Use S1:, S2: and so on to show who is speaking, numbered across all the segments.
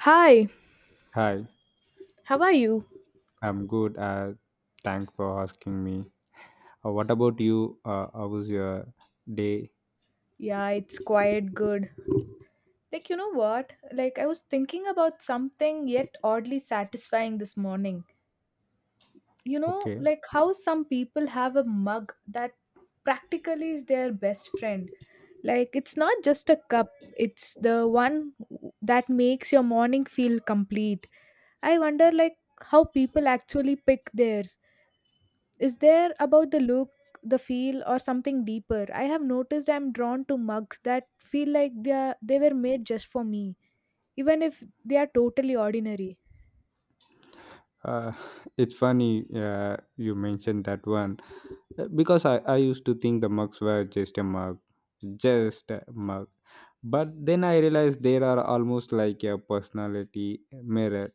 S1: Hi,
S2: Hi,
S1: how are you?
S2: I'm good. Thanks for asking me. What about you? How was your day?
S1: Yeah, it's quite good. Like, you know what? Like, I was thinking about something yet oddly satisfying this morning.
S2: Okay.
S1: Like how some people have a mug that practically is their best friend. Like, it's not just a cup, it's the one that makes your morning feel complete. I wonder, like, how people actually pick theirs. Is there about the look, the feel, or something deeper? I have noticed I'm drawn to mugs that feel like they were made just for me, even if they are totally ordinary.
S2: Uh, it's funny you mentioned that one. Because I used to think the mugs were just a mug, just a mug. But then I realized they are almost like a personality mirror.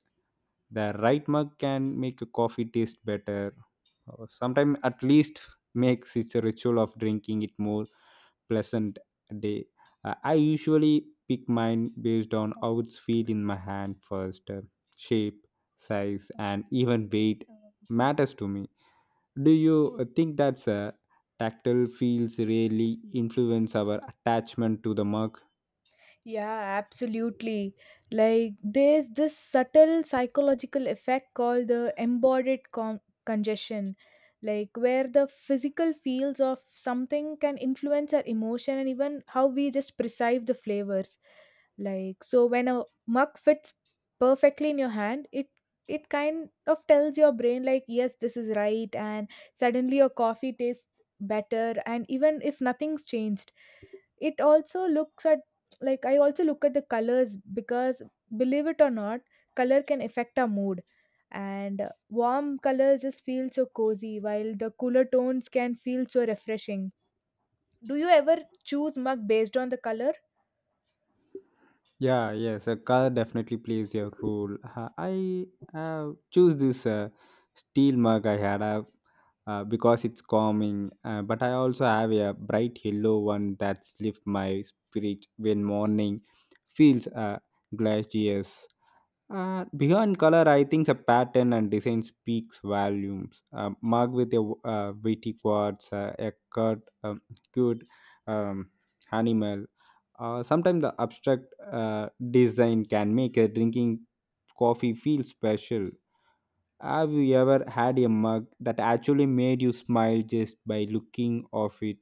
S2: The right mug can make a coffee taste better, or sometimes at least makes its ritual of drinking it more pleasant day. I usually pick mine based on how it's feel in my hand first. Shape, size, and even weight matters to me. Do you think that's a tactile feels really influence our attachment to the mug?
S1: Yeah, absolutely. Like there's this subtle psychological effect called the embodied congestion, like where the physical feels of something can influence our emotion and even how we just perceive the flavors. Like, so when a mug fits perfectly in your hand, it kind of tells your brain, like, yes, this is right, and suddenly your coffee tastes better, and even if nothing's changed. It also looks at like i also look at the colors, because, believe it or not, color can affect our mood. And warm colors just feel so cozy, while the cooler tones can feel so refreshing. Do you ever choose mug based on the color?
S2: Yeah, yes, a color definitely plays a role. I choose this steel mug I had because it's calming, but I also have a bright yellow one that's lift my spirit when morning feels glorious. Beyond color, I think the pattern and design speaks volumes. Mug with a witty quads, a cut, cute um, animal, sometimes the abstract design can make a drinking coffee feel special. Have you ever had a mug that actually made you smile just by looking of it?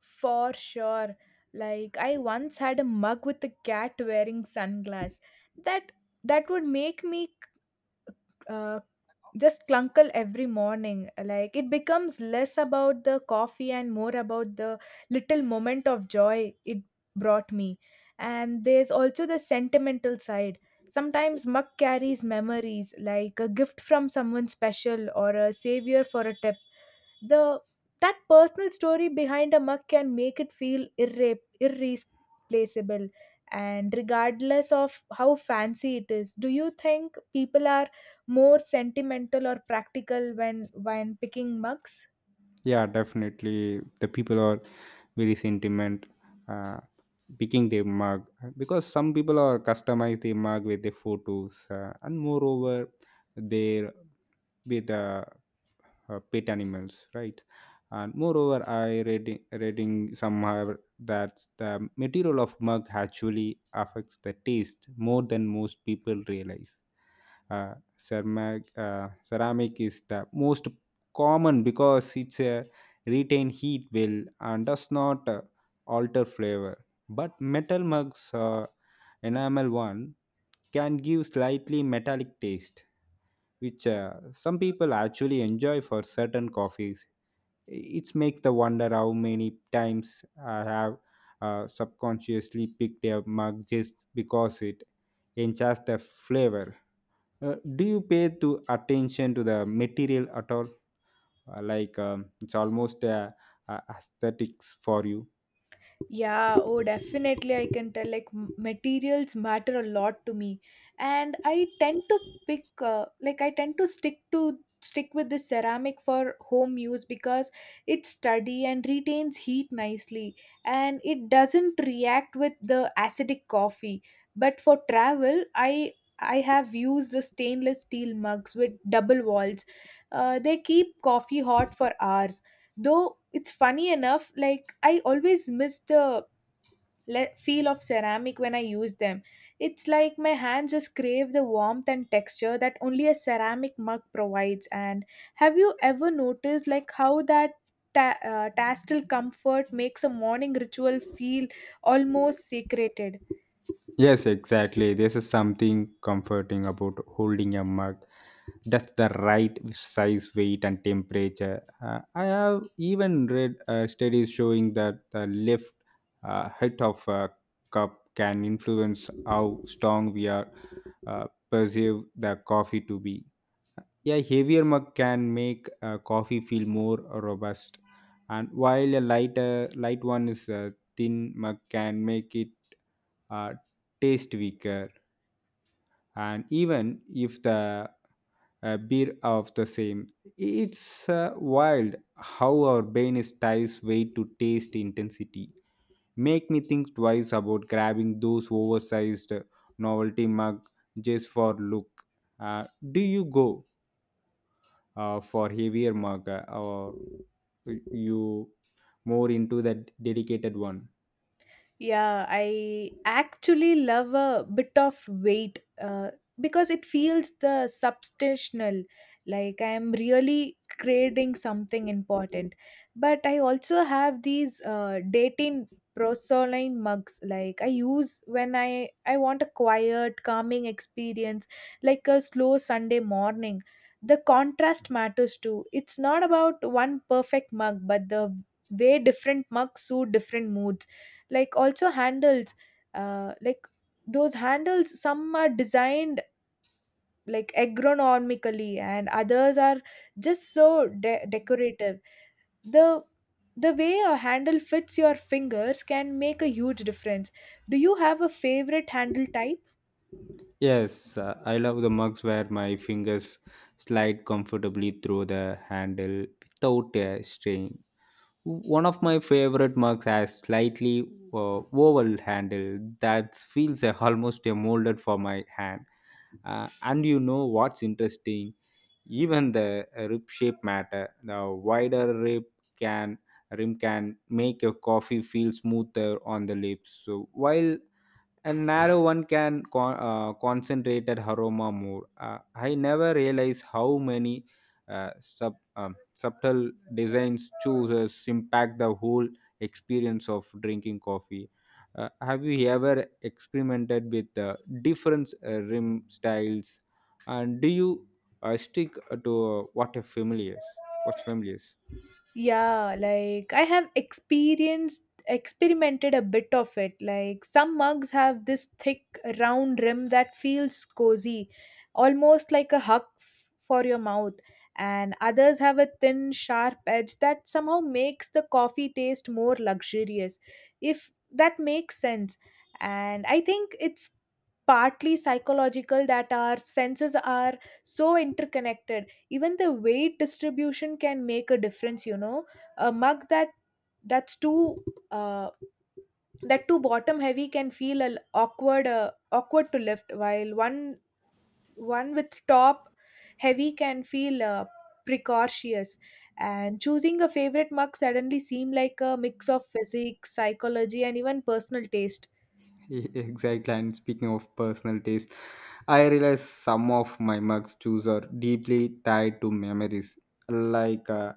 S1: For sure. Like I once had a mug with a cat wearing sunglass. That that would make me uh, just clunkle every morning. Like it becomes less about the coffee and more about the little moment of joy it brought me. And there's also the sentimental side. Sometimes mug carries memories, like a gift from someone special or a savior for a tip. The that personal story behind a mug can make it feel irreplaceable. And regardless of how fancy it is, do you think people are more sentimental or practical when picking mugs?
S2: Yeah, definitely. The people are very sentiment uh, picking their mug because some people are customize their mug with their photos and moreover their with pet animals, right? And moreover, I reading somewhere that the material of mug actually affects the taste more than most people realize. Uh, ceramic, ceramic is the most common because it's a retain heat well and does not alter flavor. But metal mugs, enamel one, can give slightly metallic taste which some people actually enjoy for certain coffees. It makes the wonder how many times I have subconsciously picked a mug just because it enchants the flavor. Do you pay to attention to the material at all? Like it's almost aesthetics for you.
S1: Yeah, oh, definitely. I can tell, like, materials matter a lot to me, and I tend to stick with this ceramic for home use, because it's sturdy and retains heat nicely, and it doesn't react with the acidic coffee. But for travel, I have used the stainless steel mugs with double walls. They keep coffee hot for hours, though it's funny enough, like I always miss the feel of ceramic when I use them. It's like my hands just crave the warmth and texture that only a ceramic mug provides. And have you ever noticed, like, how that tactile comfort makes a morning ritual feel almost secreted?
S2: Yes, exactly. This is something comforting about holding a mug. That's the right size, weight, and temperature. I have even read studies showing that the lift height of a cup can influence how strong we are perceive the coffee to be. A heavier mug can make coffee feel more robust, and while a lighter light one is a thin mug can make it uh, taste weaker. And even if the beer of the same, it's wild how our brain is ties weight to taste intensity. Make me think twice about grabbing those oversized novelty mug just for look. Uh, do you go for heavier marker or you more into that dedicated one?
S1: Yeah, I actually love a bit of weight, because it feels the substantial, like I am really creating something important. But I also have these dating prosoline mugs, like I use when I want a quiet, calming experience, like a slow Sunday morning. The contrast matters too. It's not about one perfect mug, but the way different mugs suit different moods. Like also handles, like those handles, some are designed, like, agronomically, and others are just so decorative. The the way a handle fits your fingers can make a huge difference. Do you have a favorite handle type?
S2: Yes, I love the mugs where my fingers slide comfortably through the handle without a strain. One of my favorite mugs has slightly oval handle that feels almost molded for my hand. And you know what's interesting? Even the rib shape matter. The wider rib can rim can make your coffee feel smoother on the lips. So while a narrow one can concentrate at aroma more. I never realized how many subtle designs chooses impact the whole experience of drinking coffee. Have you ever experimented with different rim styles, and do you stick to what are familiar? What's familiar?
S1: Yeah, like I have experienced experimented a bit of it. Like some mugs have this thick round rim that feels cozy, almost like a hug for your mouth, and others have a thin sharp edge that somehow makes the coffee taste more luxurious. If that makes sense. And I think it's partly psychological, that our senses are so interconnected. Even the weight distribution can make a difference. A mug that's uh, too bottom heavy can feel a l- awkward awkward to lift, while one with top heavy can feel precocious. And choosing a favorite mug suddenly seem like a mix of physics, psychology, and even personal taste.
S2: Exactly. And speaking of personal taste, I realize some of my mugs too are deeply tied to memories. Like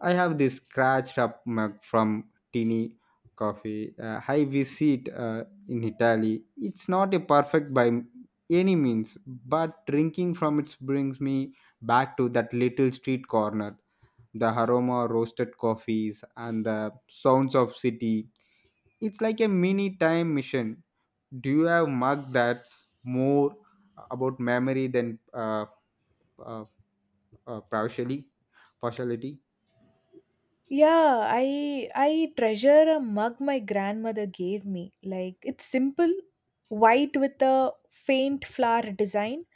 S2: I have this scratched up mug from Tini Coffee. I visit in Italy. It's not a perfect by any means, but drinking from it brings me back to that little street corner, the aroma of roasted coffees and the sounds of city. It's like a mini time mission. Do you have mug that's more about memory than uh, uh, partially, partiality?
S1: Yeah, I treasure a mug my grandmother gave me. Like it's simple, white with a faint flower design,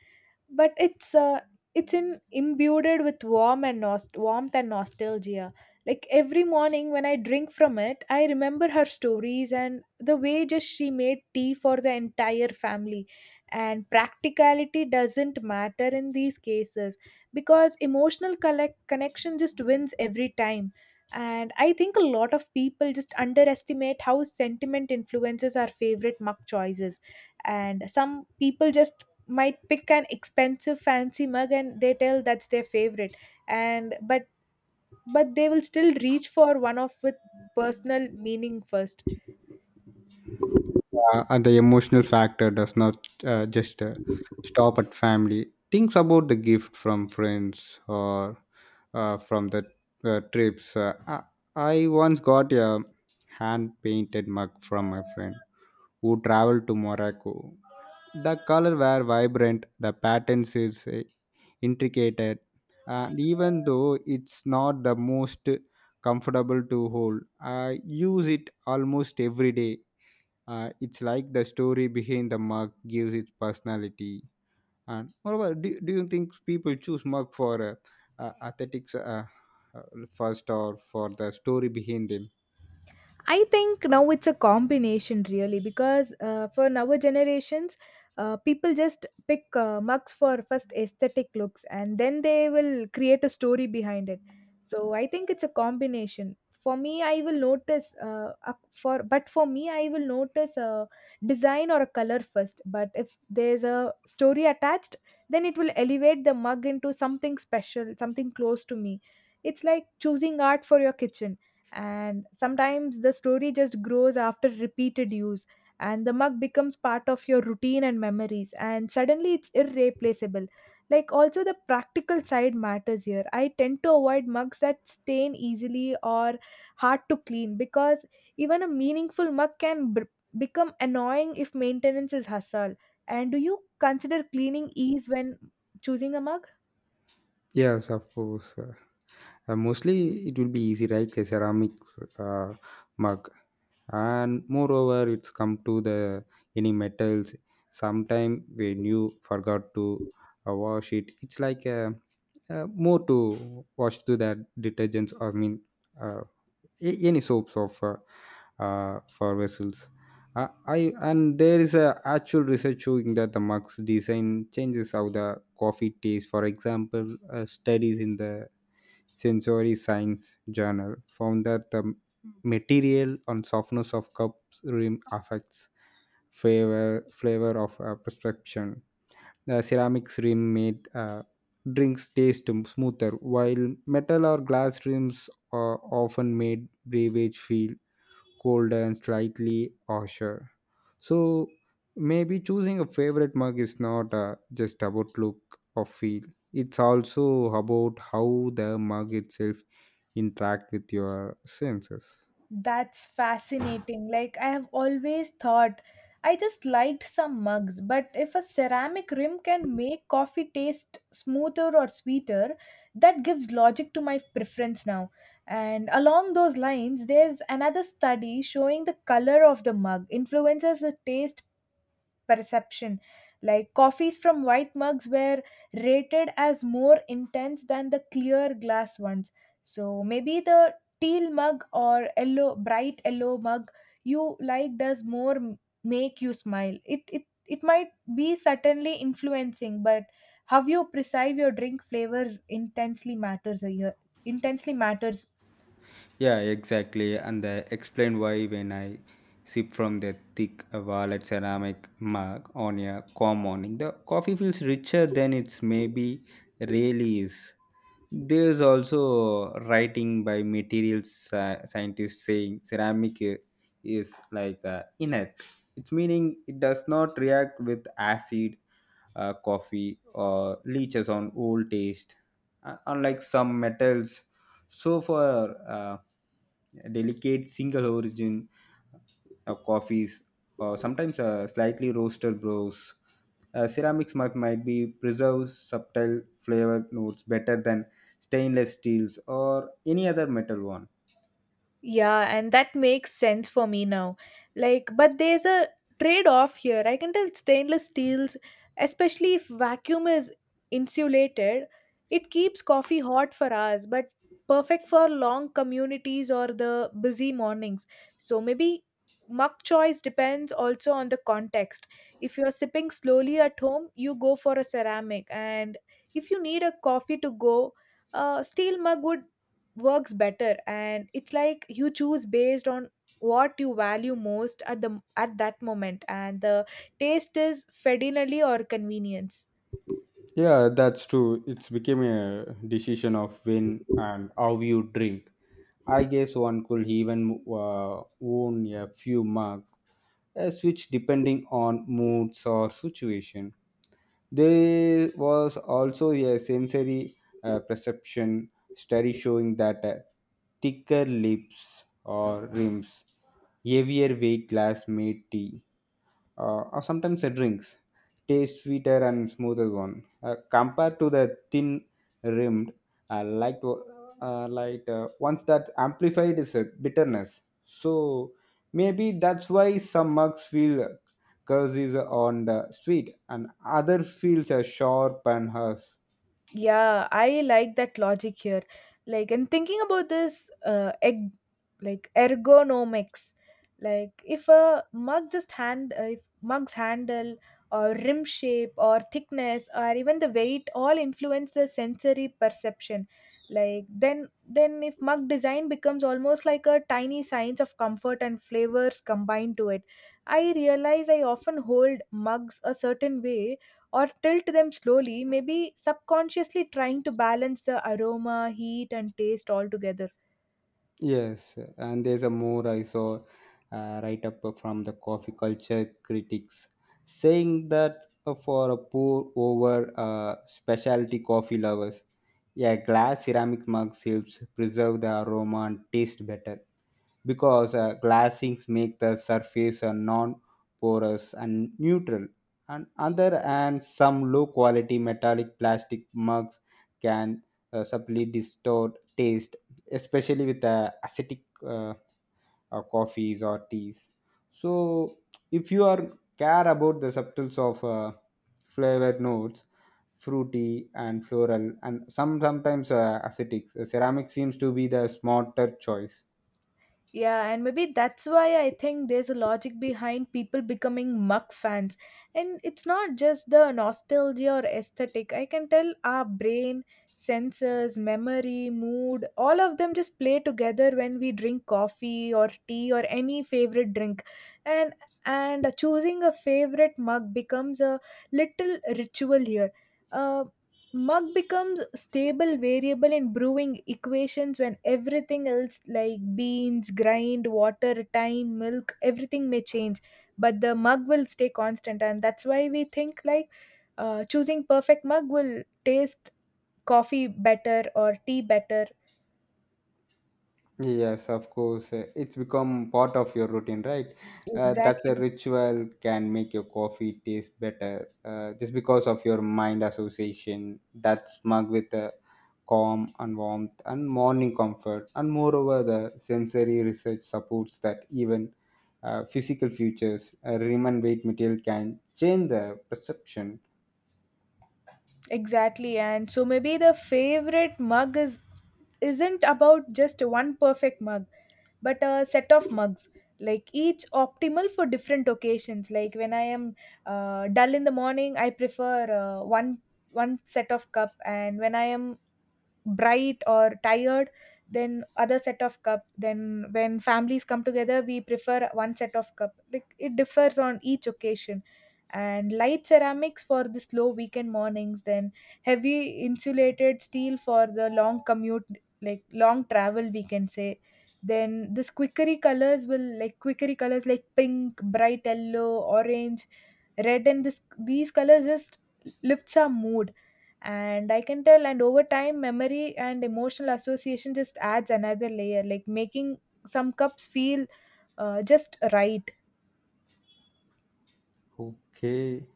S1: but it's in imbued with warmth and nostalgia. Like every morning when I drink from it, I remember her stories and the way just she made tea for the entire family. And practicality doesn't matter in these cases, because emotional connection just wins every time. And I think a lot of people just underestimate how sentiment influences our favorite mug choices, and some people just might pick an expensive fancy mug and they tell that's their favorite, and but they will still reach for one of with personal meaning first.
S2: And the emotional factor does not just stop at family. Things about the gift from friends or from the trips. I once got a hand painted mug from my friend who traveled to Morocco. The colors were vibrant, the patterns is intricate, and even though it's not the most comfortable to hold, I use it almost every day. It's like the story behind the mug gives its personality. And moreover, do you think people choose mug for aesthetics uh, first or for the story behind them?
S1: I think now it's a combination, really, because for our generations, people just pick mugs for first aesthetic looks, and then they will create a story behind it. So I think it's a combination. For me, I will notice a design or a color first. But if there's a story attached, then it will elevate the mug into something special, something close to me. It's like choosing art for your kitchen, and sometimes the story just grows after repeated use, and the mug becomes part of your routine and memories, and suddenly it's irreplaceable. Like also the practical side matters here. I tend to avoid mugs that stain easily or hard to clean, because even a meaningful mug can become annoying if maintenance is hustle. And do you consider cleaning ease when choosing a mug?
S2: Yes, of course. Mostly it will be easy right a ceramic uh, mug, and moreover it's come to the any metals sometime when you forgot to wash it it's like a, more to wash to that detergents I mean uh, a- any soaps of for vessels. I and there is a actual research showing that the mug's design changes how the coffee tastes. For example, studies in the Sensory Science Journal found that the material and softness of cups rim affects flavor of perception. The ceramics rim made drinks taste smoother, while metal or glass rims are often made beverage feel colder and slightly harsher. So maybe choosing a favorite mug is not just about look or feel. It's also about how the mug itself interact with your senses.
S1: That's fascinating. Like, I have always thought I just liked some mugs, but if a ceramic rim can make coffee taste smoother or sweeter, that gives logic to my preference now. And along those lines, there's another study showing the color of the mug influences the taste perception. Like coffees from white mugs were rated as more intense than the clear glass ones. So maybe the teal mug or yellow, bright yellow mug you like does make you smile. It might be certainly influencing, but how you perceive your drink flavors intensely matters.
S2: Yeah, exactly. And I explain why when I sip from the thick violet ceramic mug on a calm morning, the coffee feels richer than it's maybe really is. There is also writing by materials scientists saying ceramic is like inert. Its meaning it does not react with acid coffee or leaches on old taste, unlike some metals. So, for delicate single origin coffees or sometimes slightly roasted brews, ceramics might be preserves subtle flavor notes better than stainless steels or any other metal one.
S1: Yeah, and that makes sense for me now. Like, but there's a trade off here. I can tell stainless steels, especially if vacuum is insulated, it keeps coffee hot for us, but perfect for long communities or the busy mornings. So maybe mug choice depends also on the context. If you're sipping slowly at home, you go for a ceramic, and if you need a coffee to go, a steel mug would works better. And it's like you choose based on what you value most at that moment, and the taste is fidelity or convenience.
S2: Yeah, that's true. It's became a decision of when and how you drink. I guess one could even own a few mugs, a switch depending on moods or situation. There was also a sensory perception study showing that thicker lips or rims, heavier weight glass made tea or sometimes the drinks taste sweeter and smoother one compared to the thin rimmed uh, light o- light ones that amplified is a bitterness, so maybe that's why some mugs feel curses on the sweet and other feels are sharp and harsh.
S1: Yeah, I like that logic here. Like, and thinking about this, like ergonomics, like if a mug just hand, if mug's handle or rim shape or thickness or even the weight all influence the sensory perception. Like then if mug design becomes almost like a tiny science of comfort and flavors combined to it, I realize I often hold mugs a certain way or tilt them slowly, maybe subconsciously trying to balance the aroma, heat, and taste all together.
S2: Yes, and there's a more I saw write up from the coffee culture critics saying that for a pour over specialty coffee lovers, yeah, glass ceramic mugs helps preserve the aroma and taste better because glassings make the surface non-porous and neutral. And other and some low-quality metallic plastic mugs can subtly distort taste especially with the acidic coffees or teas. So, if you are care about the subtles of flavored notes, fruity and floral, and some sometimes acidic, ceramic seems to be the smarter choice.
S1: Yeah, and maybe that's why I think there's a logic behind people becoming muck fans. And it's not just the nostalgia or aesthetic. I can tell, our brain, senses, memory, mood, all of them just play together when we drink coffee or tea or any favorite drink. And and choosing a favorite mug becomes a little ritual here. Uh, Mug becomes stable variable in brewing equations when everything else, like beans, grind, water, time, milk, everything may change, but the mug will stay constant. And that's why we think, like, choosing perfect mug will taste coffee better or tea better.
S2: Yes, of course. It's become part of your routine, right? That's a
S1: Exactly.
S2: ritual can make your coffee taste better just because of your mind association that's mug with a calm and warmth and morning comfort. And moreover, the sensory research supports that even physical features, rim and weight material can change the perception.
S1: Exactly, and so maybe the favorite mug is isn't about just one perfect mug, but a set of mugs, like each optimal for different occasions. Like when I am dull in the morning, I prefer one set of cup, and when I am bright or tired, then other set of cup. Then when families come together, we prefer one set of cup. Like it differs on each occasion, and light ceramics for the slow weekend mornings, then heavy insulated steel for the long commute, like long travel, we can say. Then this quickery colors will like quickery colors, like pink, bright yellow, orange, red, and this these colors just lifts our mood. And I can tell, and over time memory and emotional association just adds another layer, like making some cups feel just right.
S2: Okay.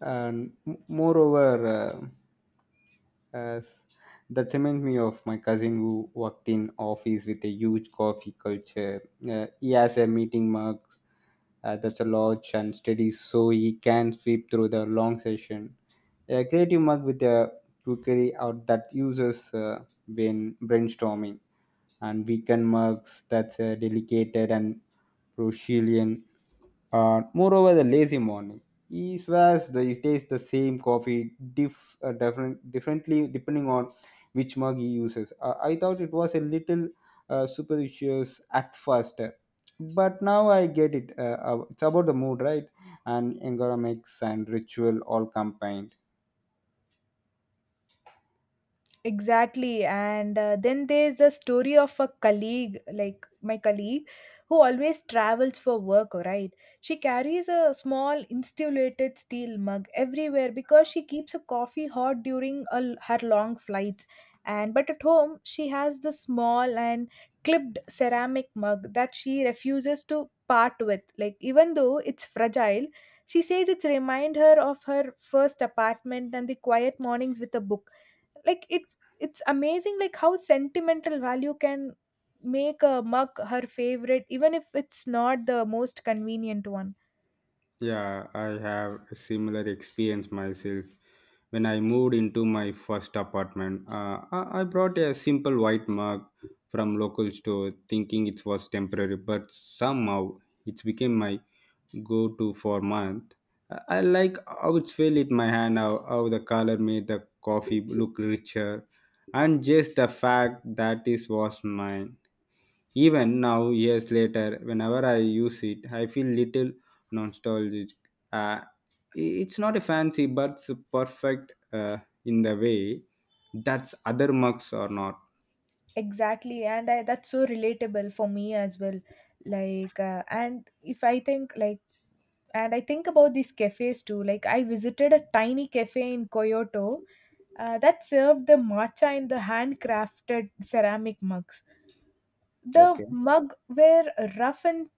S2: And moreover, uh, as that reminds me of my cousin who worked in office with a huge coffee culture. He has a meeting mug that's a large and steady, so he can sweep through the long session, a creative mug with a cookery out that uses brainstorming, and weekend mugs that's delicated and Brazilian. Moreover, the lazy morning. He swears that he tastes the same coffee differently depending on which mug he uses. I thought it was a little superstitious at first, but now I get it. It's about the mood, right? And ergonomics and ritual all combined.
S1: Exactly. And then there's the story of a colleague, like my colleague, who always travels for work, right? She carries a small insulated steel mug everywhere because she keeps a coffee hot during her long flights. And but at home, she has the small and clipped ceramic mug that she refuses to part with. Like even though it's fragile, she says it's remind her of her first apartment and the quiet mornings with a book, like it's amazing like how sentimental value can make a mug her favorite even if it's not the most convenient one.
S2: Yeah, I have a similar experience myself. When I moved into my first apartment, I brought a simple white mug from local store, thinking it was temporary. But somehow, it became my go-to for month. I like how it felt in my hand, how the color made the coffee look richer, and just the fact that it was mine. Even now, years later, whenever I use it, I feel little nostalgic. Uh, it's not a fancy, but it's perfect in the way that's other mugs are not.
S1: Exactly, and I, that's so relatable for me as well. Like and if I think like and I think about these cafes too. Like, I visited a tiny cafe in Kyoto that served the matcha in the handcrafted ceramic mugs. the
S2: Okay.
S1: mug were rough and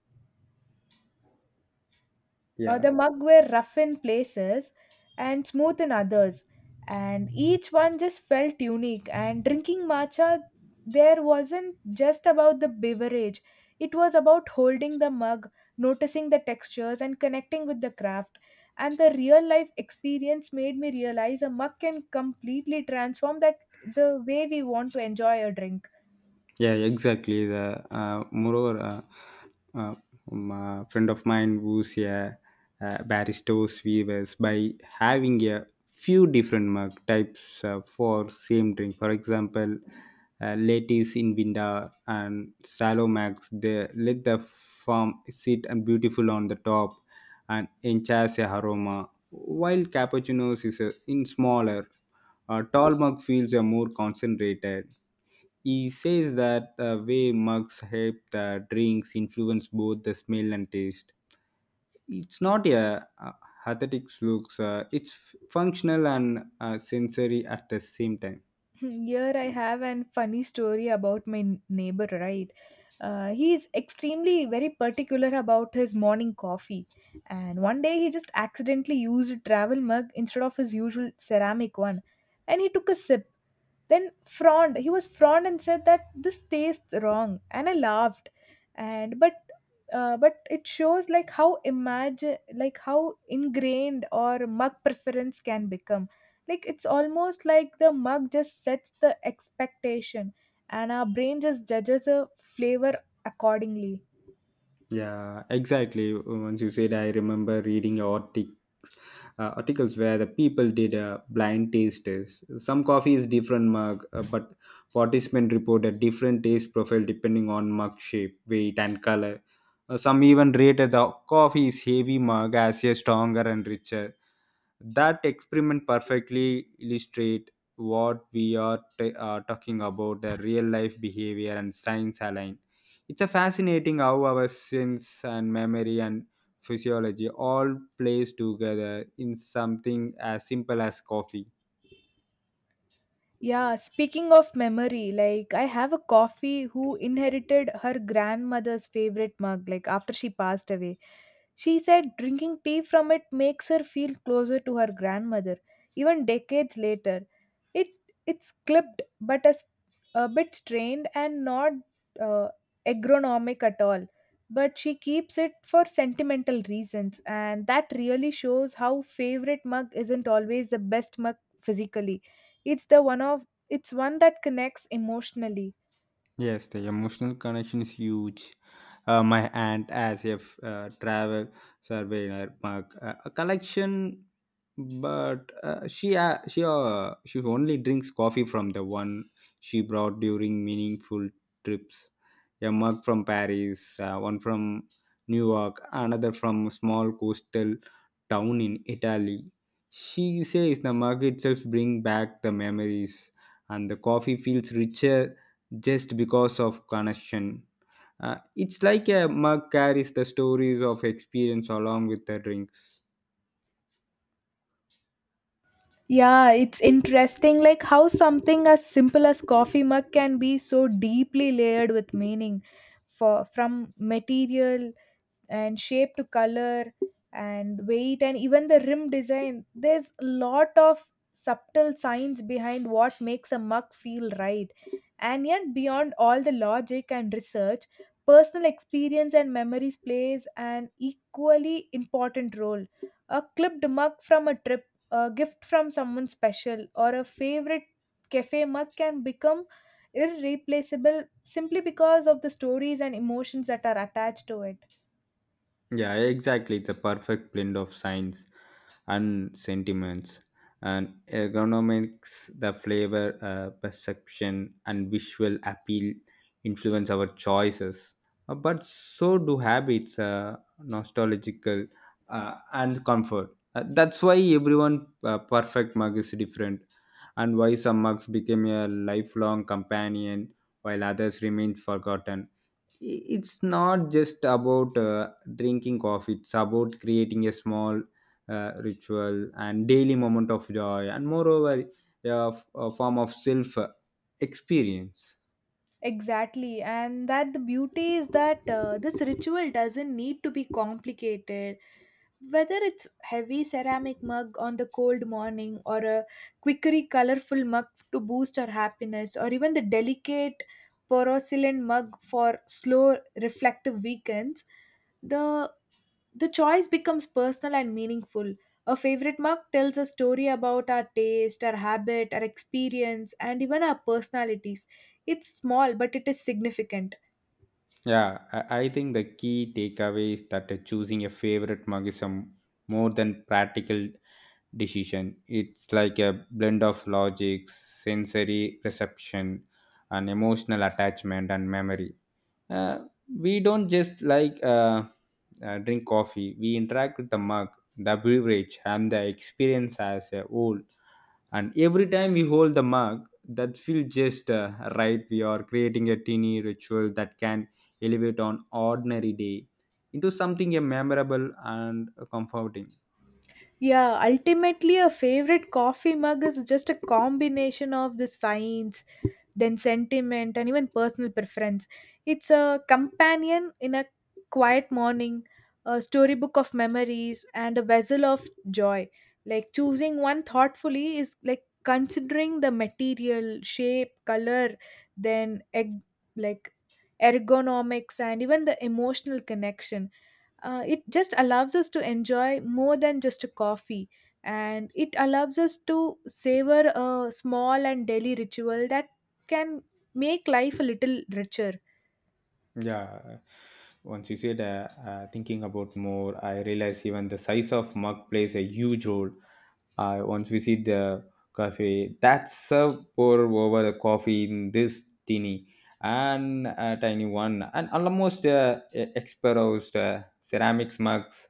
S2: Yeah.
S1: The mug were rough in places and smooth in others, and each one just felt unique. And drinking matcha, there wasn't just about the beverage, it was about holding the mug, noticing the textures, and connecting with the craft. And the real life experience made me realize a mug can completely transform that the way we want to enjoy a drink.
S2: Yeah, exactly. The uh, friend of mine who's a baristos weavers by having a few different mug types for same drink. For example, ladies in Vinda and shallow mugs. They let the farm sit and beautiful on the top and enhance the aroma. While cappuccinos is a, in smaller, a tall mug feels are more concentrated. He says that the way mugs help the drinks influence both the smell and taste. It's not a aesthetic looks; it's functional and sensory at the same time.
S1: Here I have an funny story about my neighbor, right? He is extremely very particular about his morning coffee. And one day he just accidentally used a travel mug instead of his usual ceramic one. And he took a sip. Then frowned. He was frowned and said that this tastes wrong, and I laughed. And but But it shows like how imagine like how ingrained or mug preference can become. Like it's almost like the mug just sets the expectation, and our brain just judges a flavor accordingly.
S2: Yeah, exactly. Once you said, I remember reading articles, articles where the people did a blind taste test. Some coffee is different mug, but participants reported different taste profile depending on mug shape, weight, and color. Some even rated the coffee's heavy mug as a stronger and richer. That experiment perfectly illustrate what we are talking about the real life behavior and science align. It's a fascinating how our sense and memory and physiology all plays together in something as simple as coffee.
S1: Yeah, speaking of memory, like I have a coffee who inherited her grandmother's favorite mug, like after she passed away. She said drinking tea from it makes her feel closer to her grandmother, even decades later. It it's clipped, but a bit strained and not uh, agronomic at all. But she keeps it for sentimental reasons, and that really shows how favorite mug isn't always the best mug physically. It's the one of it's one that connects emotionally.
S2: Yes, the emotional connection is huge. My aunt, as a travel surveyor, mark a collection, but she only drinks coffee from the one she brought during meaningful trips. A mug from Paris, one from New York, another from a small coastal town in Italy. She says the mug itself brings back the memories, and the coffee feels richer just because of connection. It's like a mug carries the stories of experience along with the drinks.
S1: Yeah, it's interesting like how something as simple as coffee mug can be so deeply layered with meaning, for from material and shape to color and weight, and even the rim design, there's a lot of subtle science behind what makes a mug feel right. And yet beyond all the logic and research, personal experience and memories plays an equally important role. A clipped mug from a trip, a gift from someone special, or a favorite cafe mug can become irreplaceable simply because of the stories and emotions that are attached to it.
S2: Yeah, exactly. It's a perfect blend of science and sentiments and ergonomics, the flavor, perception, and visual appeal influence our choices. But so do habits, nostalgical, and comfort. That's why everyone perfect mug is different, and why some mugs became a lifelong companion while others remain forgotten. It's not just about drinking coffee. It's about creating a small ritual and daily moment of joy, and moreover a, a form of self experience.
S1: Exactly, and that the beauty is that this ritual doesn't need to be complicated. Whether it's heavy ceramic mug on the cold morning, or a quickery colorful mug to boost our happiness, or even the delicate porcelain mug for slow reflective weekends, the the choice becomes personal and meaningful. A favorite mug tells a story about our taste, our habit, our experience, and even our personalities. It's small, but it is significant.
S2: Yeah, I think the key takeaway is that choosing a favorite mug is a more than practical decision. It's like a blend of logic sensory perception and emotional attachment and memory. Uh, we don't just like drink coffee. We interact with the mug, the beverage and the experience as a whole, and every time we hold the mug that feels just right we are creating a teeny ritual that can elevate on ordinary day into something memorable and comforting.
S1: Yeah, ultimately, a favorite coffee mug is just a combination of the science, then sentiment, and even personal preference. It's a companion in a quiet morning, a storybook of memories, and a vessel of joy. Like, choosing one thoughtfully is like considering the material, shape, color, then like ergonomics, and even the emotional connection. It just allows us to enjoy more than just a coffee, and it allows us to savor a small and daily ritual that can make life a little richer.
S2: Yeah, once you said thinking about more I realize even the size of mug plays a huge role. I once visit the cafe that's serve pour over the coffee in this tiny one and almost exposed ceramics mugs.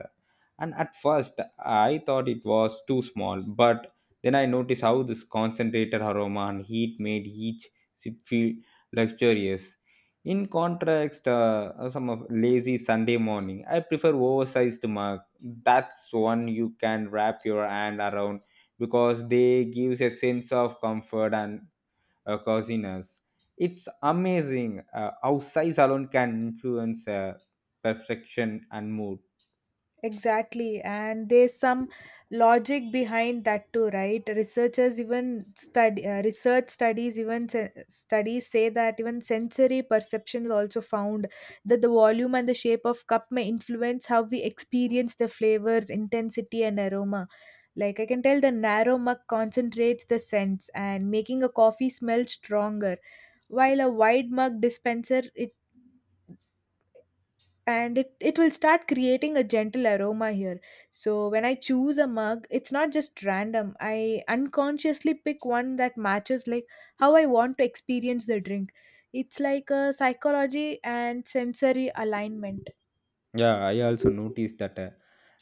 S2: And at first I thought it was too small, but then I noticed how this concentrated aroma and heat made each sip feel luxurious. In contrast, some of lazy Sunday morning, I prefer oversized mug that's one you can wrap your hand around because they gives a sense of comfort and coziness. It's amazing how size alone can influence perfection and mood.
S1: Exactly, and there's some logic behind that too, right? Research studies even studies say that even sensory perception is also found that the volume and the shape of cup may influence how we experience the flavors, intensity, and aroma. Like, I can tell, the narrow mug concentrates the scents and making a coffee smell stronger, while a wide mug dispenser it, and it will start creating a gentle aroma here. So when I choose a mug, it's not just random. I unconsciously pick one that matches like how I want to experience the drink. It's like a psychology and sensory alignment.
S2: Yeah, I also noticed that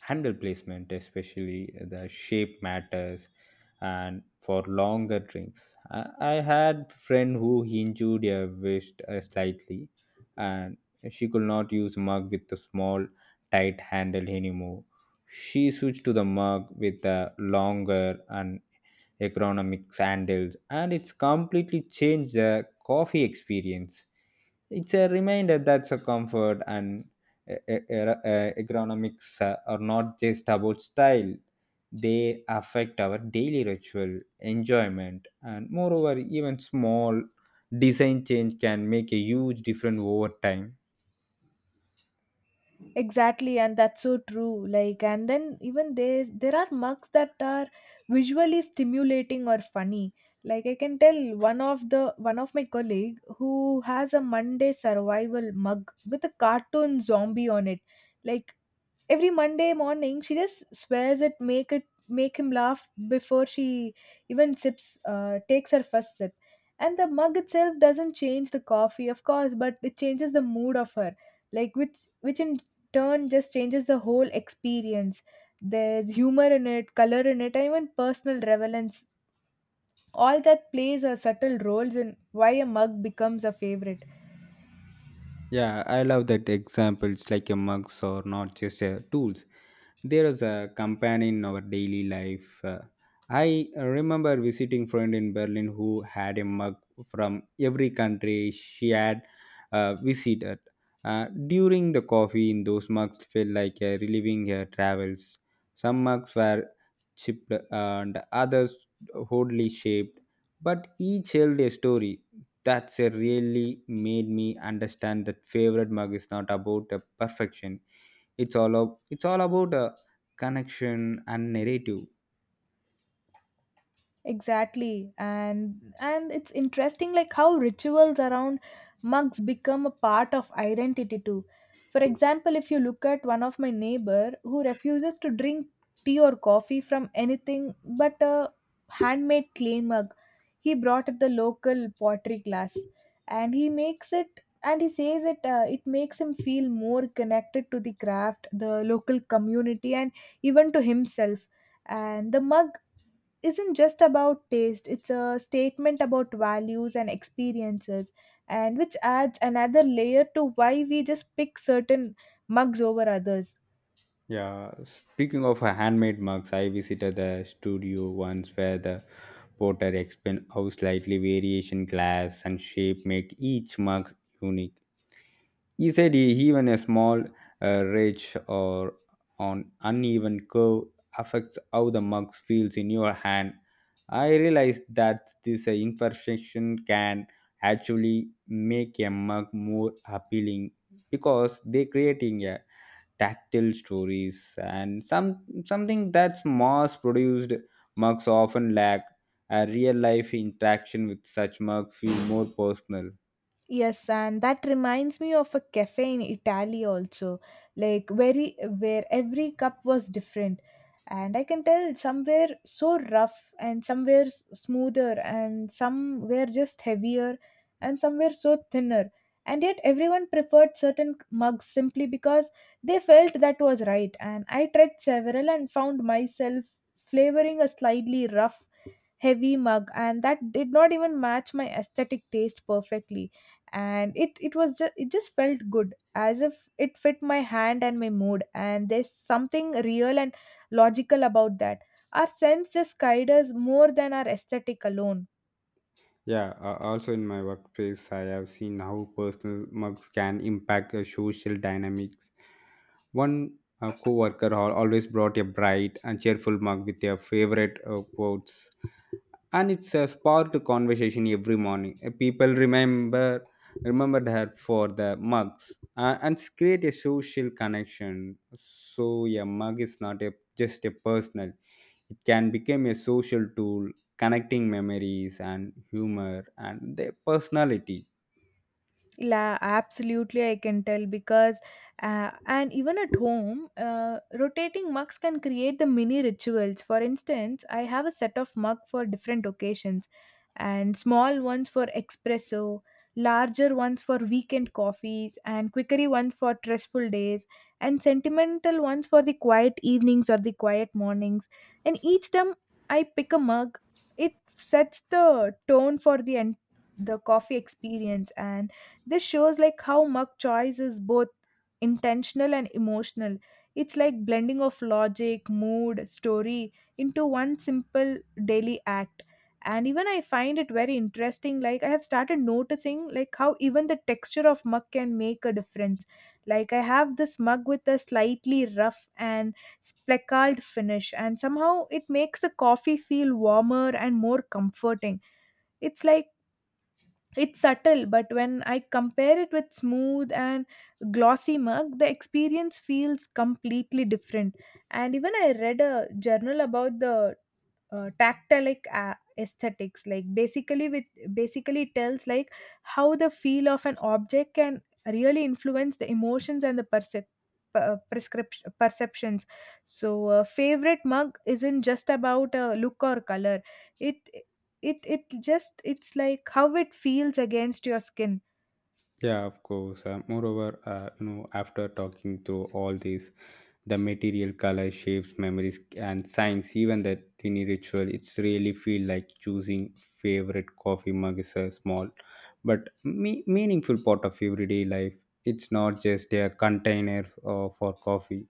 S2: handle placement, especially the shape matters, and for longer drinks. I had friend who injured her wrist slightly, and she could not use mug with the small, tight handle anymore. She switched to the mug with a longer and ergonomic sandals, and it's completely changed the coffee experience. It's a reminder that the comfort and uh, uh, uh, ergonomics are not just about style, they affect our daily ritual, enjoyment, and moreover, even small design change can make a huge difference over time.
S1: Exactly, and that's so true. Like, and then even there are mugs that are visually stimulating or funny. Like, I can tell, one of my colleague who has a Monday survival mug with a cartoon zombie on it. Like every Monday morning, she just swears it make him laugh before she even sips takes her first sip. And the mug itself doesn't change the coffee, of course, but it changes the mood of her, like, which in turn just changes the whole experience. There's humor in it, color in it, and even personal relevance. All that plays a subtle roles in why a mug becomes a favorite.
S2: Yeah, I love that examples like a mugs or not just tools. There is a companion in our daily life. I remember visiting friend in Berlin who had a mug from every country she had visited. During the coffee in those mugs felt like reliving her travels. Some mugs were chipped and others oddly shaped, but each held a story. That's really made me understand that favorite mug is not about perfection. It's all it's all about connection and narrative.
S1: Exactly. And it's interesting like how rituals around mugs become a part of identity too. For example, if you look at one of my neighbor who refuses to drink tea or coffee from anything but a handmade clay mug, he brought at the local pottery class, and he makes it, and he says it makes him feel more connected to the craft, the local community, and even to himself. And the mug isn't just about taste, it's a statement about values and experiences, and which adds another layer to why we just pick certain mugs over others.
S2: Yeah, speaking of handmade mugs, I visited the studio once where the potter explained how slightly variation glass and shape make each mug unique. He said even a small ridge or on uneven curve affects how the mug feels in your hand. I realized that this imperfection can actually make a mug more appealing because they creating a tactile stories and some something that's mass produced mugs often lack. A real life interaction with such mug feel more personal.
S1: Yes, and that reminds me of a cafe in Italy also, like, very where every cup was different, and I can tell some were so rough, and some were smoother, and some were just heavier, and some were so thinner, and yet everyone preferred certain mugs simply because they felt that was right. And I tried several and found myself flavoring a slightly rough heavy mug, and that did not even match my aesthetic taste perfectly, and it was just, it just felt good, as if it fit my hand and my mood. And there's something real and logical about that. Our sense just guide us more than our aesthetic alone.
S2: Yeah, also in my workplace, I have seen how personal mugs can impact the social dynamics. One co worker always brought a bright and cheerful mug with their favorite quotes and it's a sparked conversation every morning. People remembered her for the mugs and it's create a social connection. So a mug is not a just a personal; it can become a social tool, connecting memories and humor and their personality.
S1: La, absolutely, I can tell because, and even at home, rotating mugs can create the mini rituals. For instance, I have a set of mug for different occasions, and small ones for espresso, larger ones for weekend coffees, and quickery ones for stressful days, and sentimental ones for the quiet evenings or the quiet mornings. And each time I pick a mug, it sets the tone for the coffee experience. And this shows like how mug choice is both intentional and emotional. It's like blending of logic, mood, story into one simple daily act. And even I find it very interesting. Like, I have started noticing like how even the texture of mug can make a difference. Like, I have this mug with a slightly rough and speckled finish, and somehow it makes the coffee feel warmer and more comforting. It's like, it's subtle, but when I compare it with smooth and glossy mug, the experience feels completely different. And even I read a journal about the tactilic aesthetics. Like, basically with, basically it tells like how the feel of an object can really influence the emotions and the percep- prescription perceptions. So a favorite mug isn't just about a look or color. It it it just it's like how it feels against your skin.
S2: Yeah, of course. After talking through all these, the material, color, shapes, memories, and signs, even the tiny ritual, it's really feel like choosing favorite coffee mug is a small but meaningful part of everyday life. It's not just a container for coffee.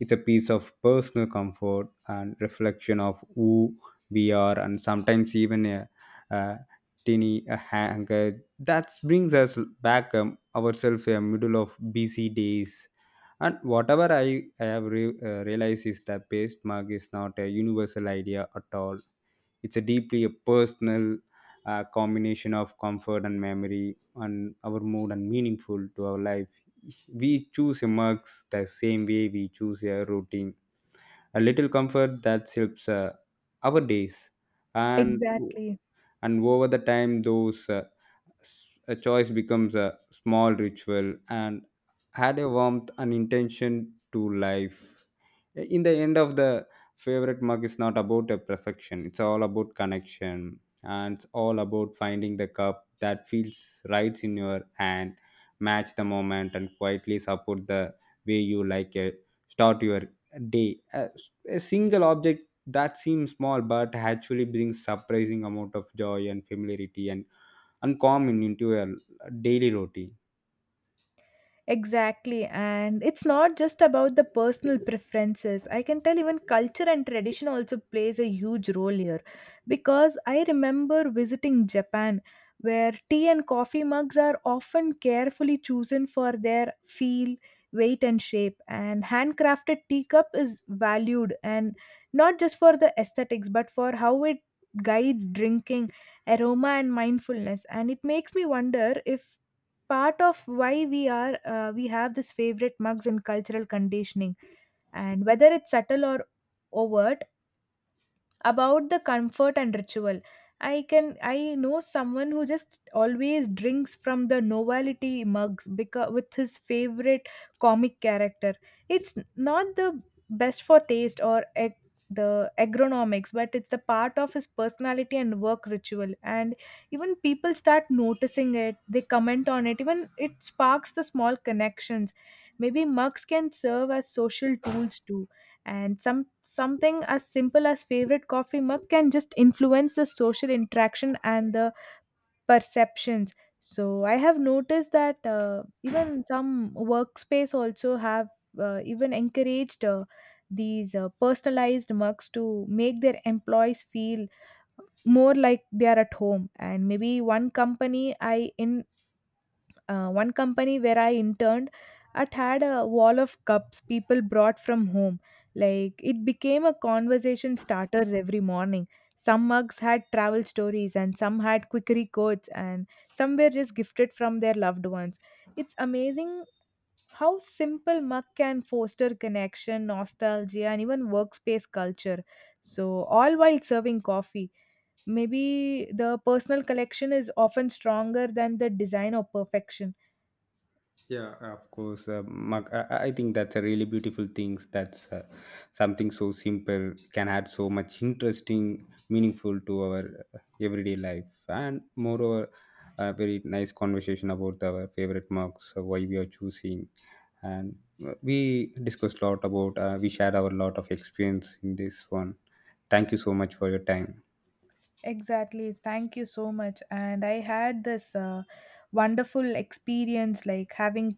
S2: It's a piece of personal comfort and reflection of who we are, and sometimes even a tiny a hanger that brings us back ourselves a middle of busy days. And whatever I have realized is that paste mug is not a universal idea at all. It's a deeply a personal combination of comfort and memory and our mood and meaningful to our life. We choose a mugs the same way we choose a routine, a little comfort that helps our days. and
S1: Exactly.
S2: and over the time those a choice becomes a small ritual and had a warmth and intention to life. In the end of the favorite mug is not about a perfection. It's all about connection and it's all about finding the cup that feels right in your hand, match the moment and quietly support the way you like it start your day, a single object that seems small but actually brings surprising amount of joy and familiarity and calm into a daily routine.
S1: Exactly, and it's not just about the personal preferences. I can tell even culture and tradition also plays a huge role here, because I remember visiting Japan where tea and coffee mugs are often carefully chosen for their feel, weight, and shape. And handcrafted teacup is valued, and not just for the aesthetics but for how it guides drinking, aroma, and mindfulness. And it makes me wonder if part of why we have this favorite mugs in cultural conditioning, and whether it's subtle or overt about the comfort and ritual. I can, I know someone who just always drinks from the novelty mugs because with his favorite comic character. It's not the best for taste or ag- the agronomics, but it's the part of his personality and work ritual, and even people start noticing it, they comment on it, even it sparks the small connections. Maybe mugs can serve as social tools too. And some, something as simple as favorite coffee mug can just influence the social interaction and the perceptions. So I have noticed that even some workspace also have even encouraged these personalized mugs to make their employees feel more like they are at home. And maybe one company where I interned, it had a wall of cups people brought from home. Like, it became a conversation starters every morning. Some mugs had travel stories, and some had quickery quotes, and some were just gifted from their loved ones. It's amazing how simple mug can foster connection, nostalgia, and even workspace culture. So, all while serving coffee, maybe the personal collection is often stronger than the design or perfection.
S2: Yeah, of course. Mark, I think that's a really beautiful thing. That's something so simple can add so much interesting, meaningful to our everyday life. And moreover, a very nice conversation about our favorite marks, why we are choosing. And we discussed a lot about, we shared our lot of experience in this one. Thank you so much for your time.
S1: Exactly. Thank you so much. And I had this wonderful experience. Like, having,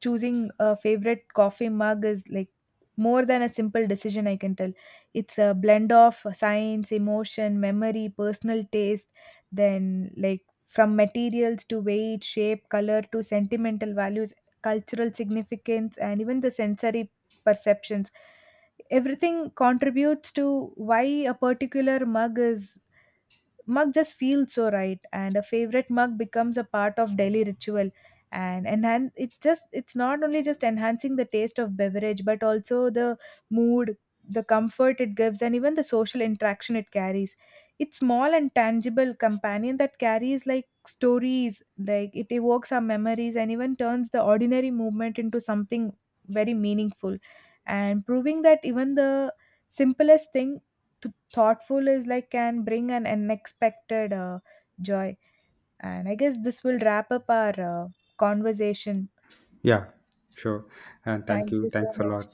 S1: choosing a favorite coffee mug is like more than a simple decision, I can tell. It's a blend of science, emotion, memory, personal taste, then like from materials to weight, shape, color to sentimental values, cultural significance, and even the sensory perceptions. Everything contributes to why a particular mug is, mug just feels so right. And a favorite mug becomes a part of daily ritual and enhance it. Just, it's not only just enhancing the taste of beverage, but also the mood, the comfort it gives, and even the social interaction it carries. It's small and tangible companion that carries like stories, like it evokes our memories and even turns the ordinary movement into something very meaningful, and proving that even the simplest thing to thoughtful is like can bring an unexpected joy. And I guess this will wrap up our conversation.
S2: Yeah, sure. And thank
S1: Thank
S2: you.
S1: you so
S2: Thanks a
S1: much.
S2: lot.